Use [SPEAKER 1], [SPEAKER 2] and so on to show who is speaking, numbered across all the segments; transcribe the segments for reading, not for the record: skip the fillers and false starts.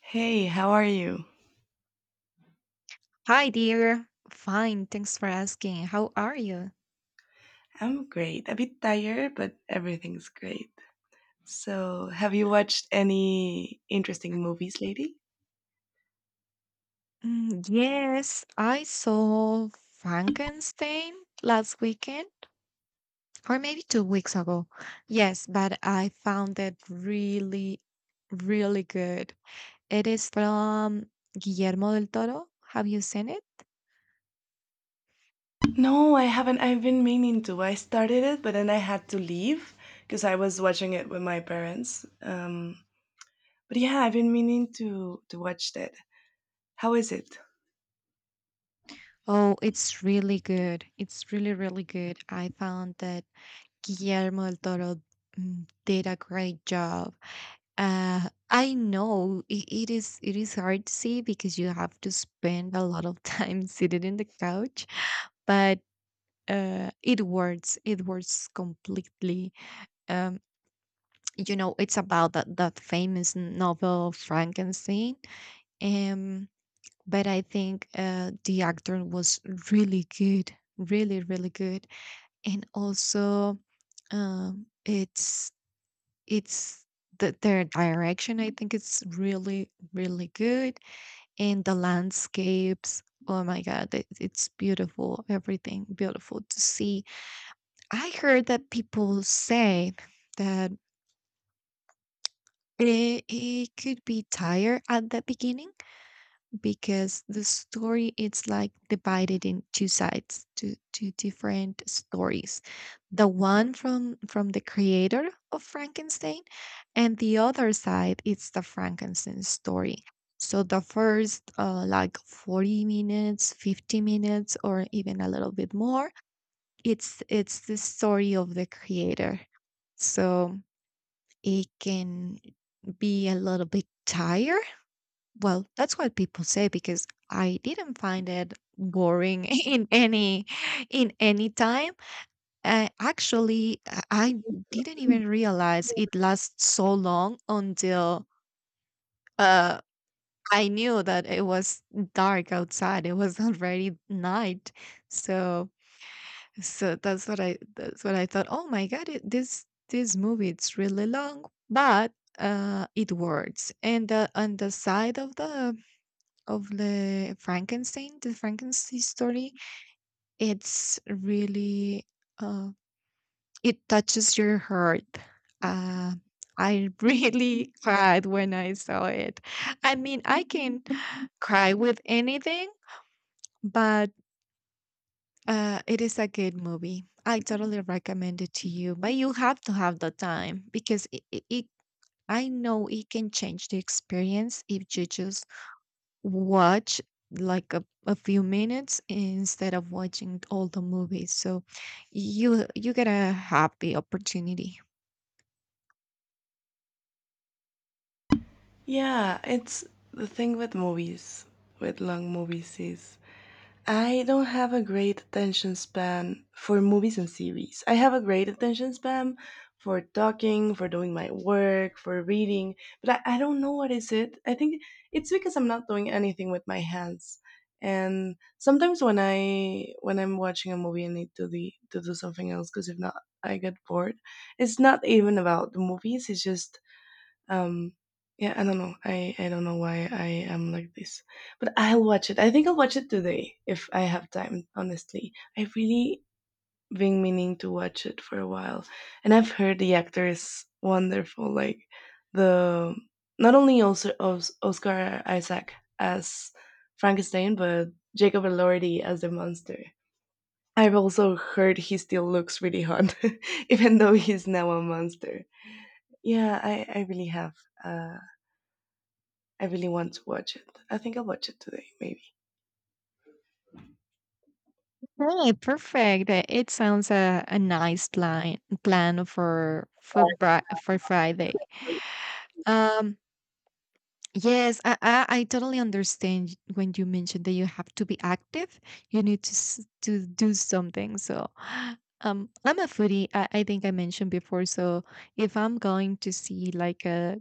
[SPEAKER 1] Hey, how are you?
[SPEAKER 2] Hi, dear. Fine, thanks for asking. How are you?
[SPEAKER 1] I'm great. A bit tired, but everything's great. So, have you watched any interesting movies lately?
[SPEAKER 2] Yes, I saw Frankenstein last weekend, or maybe 2 weeks ago. Yes, but I found it really, really good. It is from Guillermo del Toro. Have you seen it?
[SPEAKER 1] No, I haven't. I've been meaning to. I started it, but then I had to leave because I was watching it with my parents. But yeah, I've been meaning to watch that. How is it?
[SPEAKER 2] Oh, it's really good. It's really, really good. I found that Guillermo del Toro did a great job. I know it is hard to see because you have to spend a lot of time sitting in the couch, but it works. It works completely. Um, it's about that famous novel Frankenstein. Um, but I think the actor was really good, really really good, and also um, it's It's their direction, I think it's really, really good, and the landscapes, oh my god, it's beautiful, everything beautiful to see. I heard that people say that it could be tired at the beginning because the story it's like divided in two sides two different stories, the one from the creator of Frankenstein, and the other side it's the Frankenstein story. So the first like 40 minutes 50 minutes or even a little bit more, it's the story of the creator, so it can be a little bit tired. Well, that's what people say, because I didn't find it boring in any time. Actually, I didn't even realize it lasts so long until uh, I knew that it was dark outside. It was already night, so that's what I thought. Oh my god, this movie it's really long, but it works. And the on the side of the Frankenstein story, it's really uh, it touches your heart. Uh, I really cried when I saw it. I mean, I can cry with anything, but it is a good movie. I totally recommend it to you, but you have to have the time because it I know it can change the experience if you just watch like a few minutes instead of watching all the movies, so you get a happy opportunity.
[SPEAKER 1] Yeah, it's the thing with movies, with long movies is I don't have a great attention span for movies and series. I have a great attention span for talking, for doing my work, for reading, but I don't know what is it. I think it's because I'm not doing anything with my hands. And sometimes when I'm watching a movie, I need to do something else because if not, I get bored. It's not even about the movies. It's just um, yeah, I don't know. I don't know why I am like this, but I'll watch it. I think I'll watch it today if I have time. Honestly, I've really been meaning to watch it for a while, and I've heard the actor is wonderful. Like the not only also Oscar Isaac as Frankenstein, but Jacob Elordi as the monster. I've also heard he still looks really hot, even though he's now a monster. Yeah, I really have. Uh, I really want to watch it. I think I'll watch it today, maybe.
[SPEAKER 2] Hey, perfect. It sounds a nice plan for for Friday. Um, Yes, I totally understand when you mentioned that you have to be active. You need to to do something. So, I'm a foodie. I think I mentioned before. So, if I'm going to see like a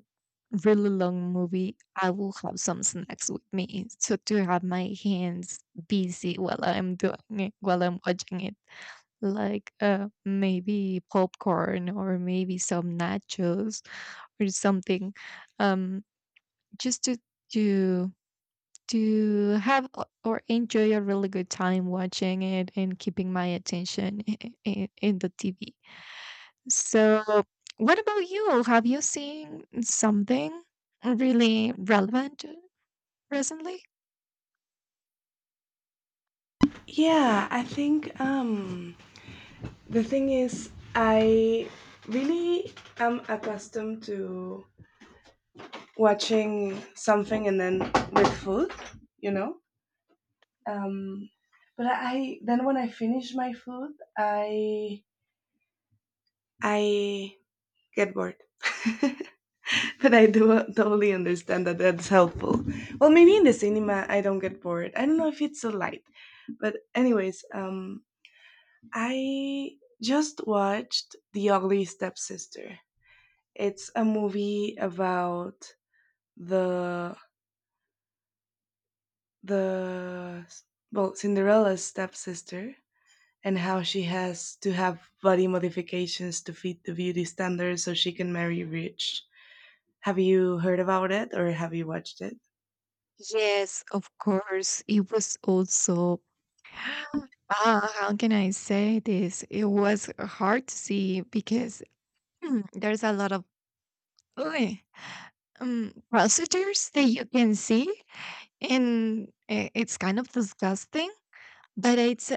[SPEAKER 2] really long movie, I will have some snacks with me, so to have my hands busy while I'm doing it, while I'm watching it, like maybe popcorn or maybe some nachos or something. um just to to to have or enjoy a really good time watching it and keeping my attention in the TV. So, what about you? Have you seen something really relevant recently?
[SPEAKER 1] Yeah, I think the thing is, I really am accustomed to watching something and then with food, you know. Um, but I then when I finish my food, I I get bored. But I do totally understand that that's helpful. Well, maybe in the cinema I don't get bored. I don't know if it's so light, but anyways, I just watched The Ugly Stepsister. It's a movie about the the well Cinderella's stepsister and how she has to have body modifications to fit the beauty standards so she can marry rich. Have you heard about it or have you watched it?
[SPEAKER 2] Yes, of course. It was also ah, how can I say this? It was hard to see because there's a lot of Uy, procedures that you can see. And I it's kind of disgusting, but it's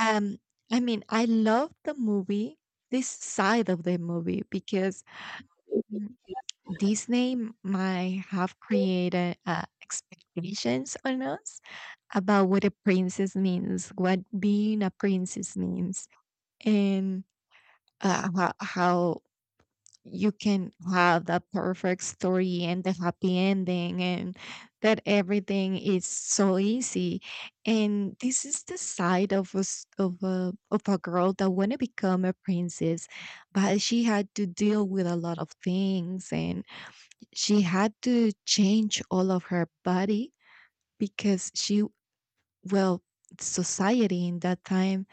[SPEAKER 2] um I mean, I love the movie, this side of the movie because Mhm. Disney might have created expectations on us about what a princess means, what being a princess means, and how you can have that perfect story and the happy ending and that everything is so easy. And this is the side of us of a girl that want to become a princess, but she had to deal with a lot of things, and she had to change all of her body because she, well, society in that time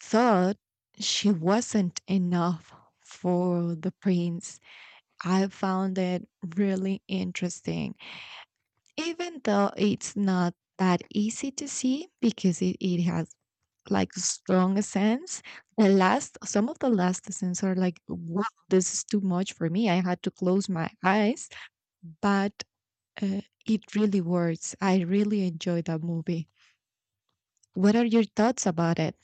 [SPEAKER 2] thought she wasn't enough for the prince. I found it really interesting, even though it's not that easy to see because it has like strong scents. The last, some of the last scents are like, wow, this is too much for me. I had to close my eyes, but uh, it really works. I really enjoy that movie. What are your thoughts about it?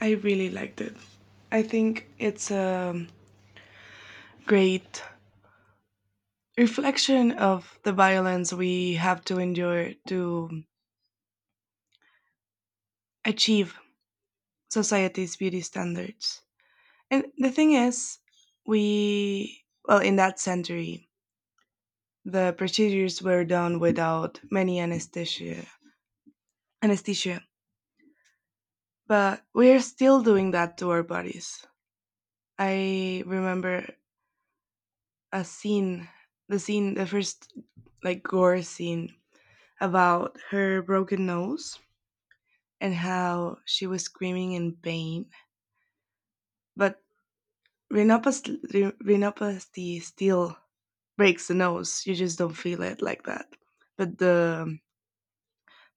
[SPEAKER 1] I really liked it. I think it's a great reflection of the violence we have to endure to achieve society's beauty standards. And the thing is, we, well, in that century, the procedures were done without many anesthesia. Anesthesia, but we are still doing that to our bodies. I remember a scene, the scene, the first like gore scene about her broken nose and how she was screaming in pain. But rhinoplasty still breaks the nose. You just don't feel it like that. But the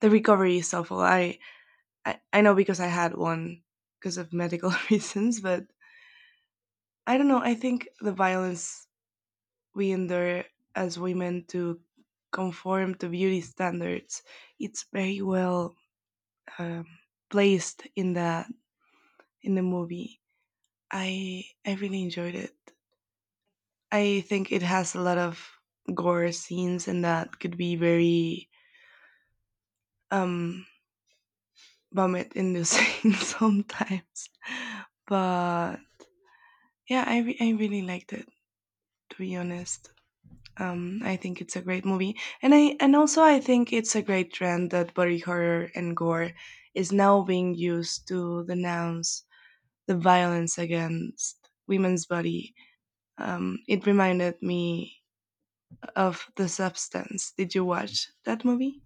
[SPEAKER 1] the recovery is awful. I know because I had one because of medical reasons, but I don't know. I think the violence we endure as women to conform to beauty standards, it's very well um, placed in the movie. I really enjoyed it. I think it has a lot of gore scenes, and that could be very um vomit in the sink sometimes. But yeah, I really liked it to be honest. I think it's a great movie, and I and also I think it's a great trend that body horror and gore is now being used to denounce the violence against women's body. It reminded me of The Substance. Did you watch that movie?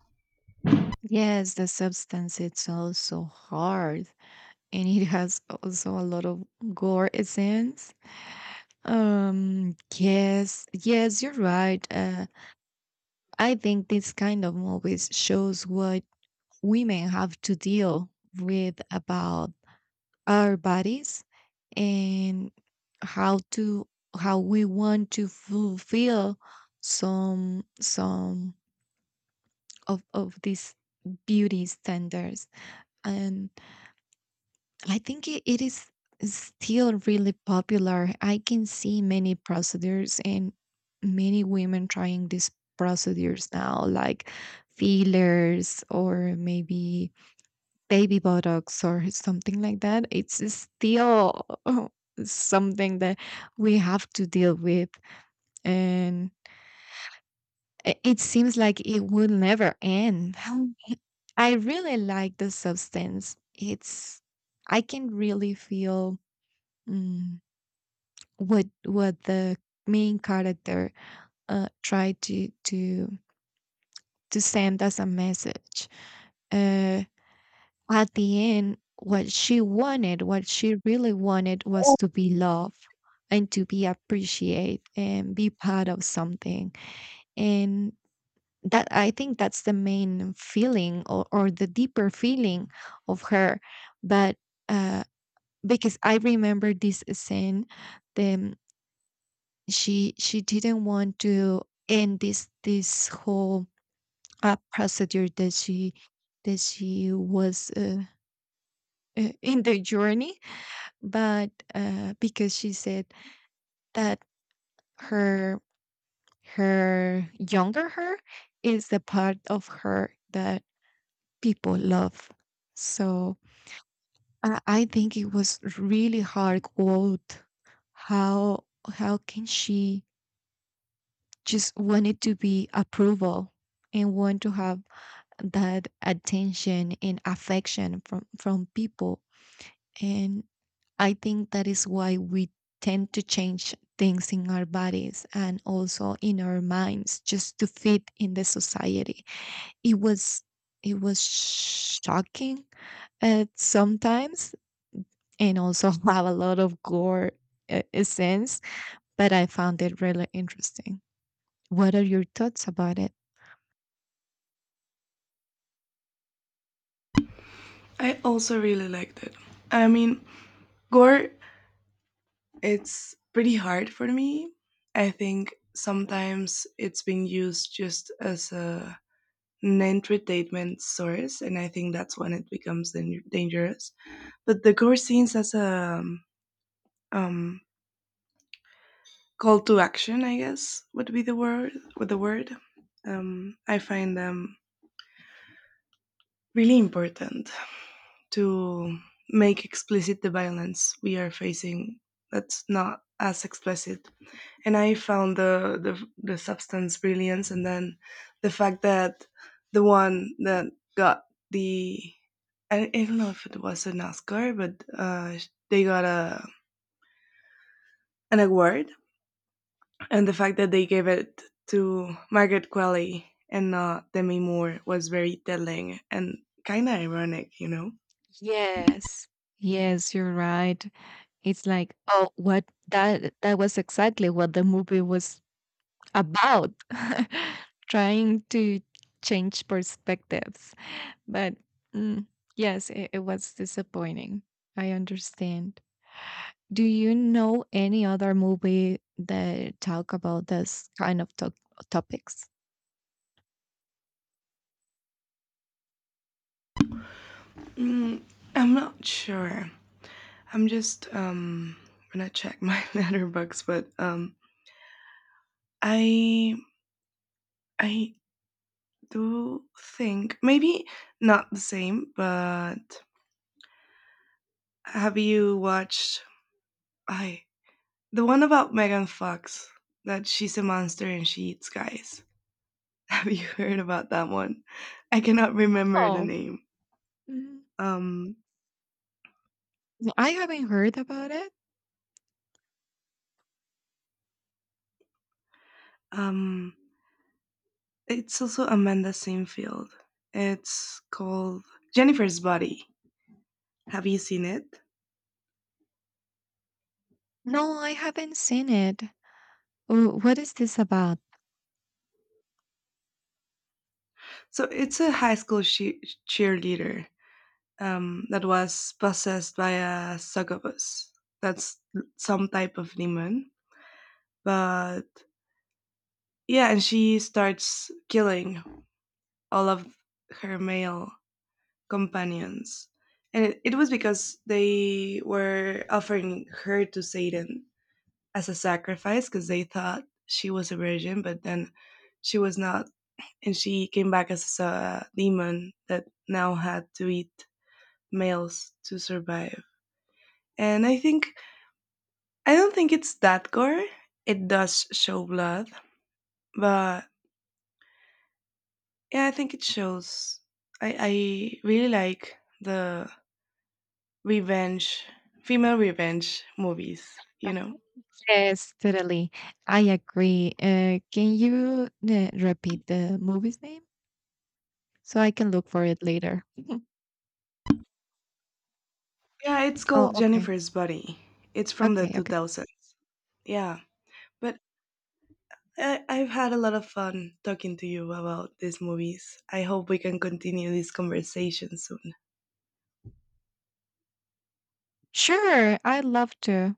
[SPEAKER 2] Yes, the substance it's also hard, and it has also a lot of gore scenes. Yes, yes, you're right. I think this kind of movies shows what women have to deal with about our bodies, and how to how we want to fulfill some of these beauty standards. And I think it is still really popular. I can see many procedures and many women trying these procedures now, like fillers or maybe baby buttocks or something like that. It's still something that we have to deal with. And it seems like it will never end. I really like the substance. It's, I can really feel. mm, what the main character tried to to send us a message. Uh, at the end, what she wanted, what she really wanted, was to be loved and to be appreciated and be part of something. And that I think that's the main feeling, or the deeper feeling of her. But uh, because I remember this scene, the she didn't want to end this whole procedure that she was in the journey, but because she said that her her younger her is the part of her that people love. So I think it was really hard quote how how can she just wanted to be approval and want to have that attention and affection from people. And I think that is why we tend to change things in our bodies and also in our minds just to fit in the society. It was, it was shocking at sometimes, and also have a lot of gore sense. But I found it really interesting. What are your thoughts about it?
[SPEAKER 1] I also really liked it. I mean, gore it's pretty hard for me. I think sometimes it's being used just as a an entertainment source, and I think that's when it becomes dangerous. But the gore scenes as a um, call to action, I guess, would be the word. With the word, I find them really important to make explicit the violence we are facing. That's not as explicit, and I found the substance brilliance, and then the fact that the one that got the I don't know if it was an Oscar, but they got a an award, and the fact that they gave it to Margaret Qualley and not Demi Moore was very telling and kind of ironic, you know.
[SPEAKER 2] Yes. Yes, you're right. It's like, oh, what that was exactly what the movie was about. Trying to change perspectives. But mm, yes, it was disappointing. I understand. Do you know any other movie that talk about this kind of to topics?
[SPEAKER 1] Mm, I'm not sure. I'm just gonna check my letterbox, but I I do think maybe not the same, but have you watched I the one about Megan Fox that she's a monster and she eats guys? Have you heard about that one? I cannot remember the
[SPEAKER 2] Oh,
[SPEAKER 1] name.
[SPEAKER 2] mm,
[SPEAKER 1] Um,
[SPEAKER 2] I haven't heard about it.
[SPEAKER 1] um, it's also Amanda Seyfried. It's called Jennifer's Body. Have you seen it?
[SPEAKER 2] No, I haven't seen it. What is this about?
[SPEAKER 1] So it's a high school cheerleader that was possessed by a succubus. That's some type of demon. But yeah, and she starts killing all of her male companions. And it was because they were offering her to Satan as a sacrifice because they thought she was a virgin, but then she was not. And she came back as a demon that now had to eat males to survive. And I think I don't think it's that gore. It does show blood, but yeah, I think it shows. I really like the revenge, female revenge movies. You know.
[SPEAKER 2] Yes, totally. I agree. Can you repeat the movie's name so I can look for it later?
[SPEAKER 1] Yeah, it's
[SPEAKER 2] Oh,
[SPEAKER 1] called
[SPEAKER 2] okay.
[SPEAKER 1] Jennifer's Body. It's from the
[SPEAKER 2] Okay,
[SPEAKER 1] two
[SPEAKER 2] okay.
[SPEAKER 1] thousands. Yeah, but I've had a lot of fun talking to you about these movies. I hope we can continue this conversation soon.
[SPEAKER 2] Sure, I'd love to.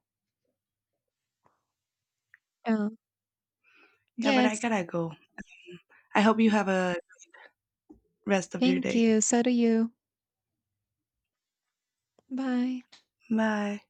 [SPEAKER 2] Uh,
[SPEAKER 1] Yeah, but I
[SPEAKER 2] yes,
[SPEAKER 1] gotta go. I hope you have a rest of your
[SPEAKER 2] thank
[SPEAKER 1] day.
[SPEAKER 2] you. So do you. Bye.
[SPEAKER 1] Bye.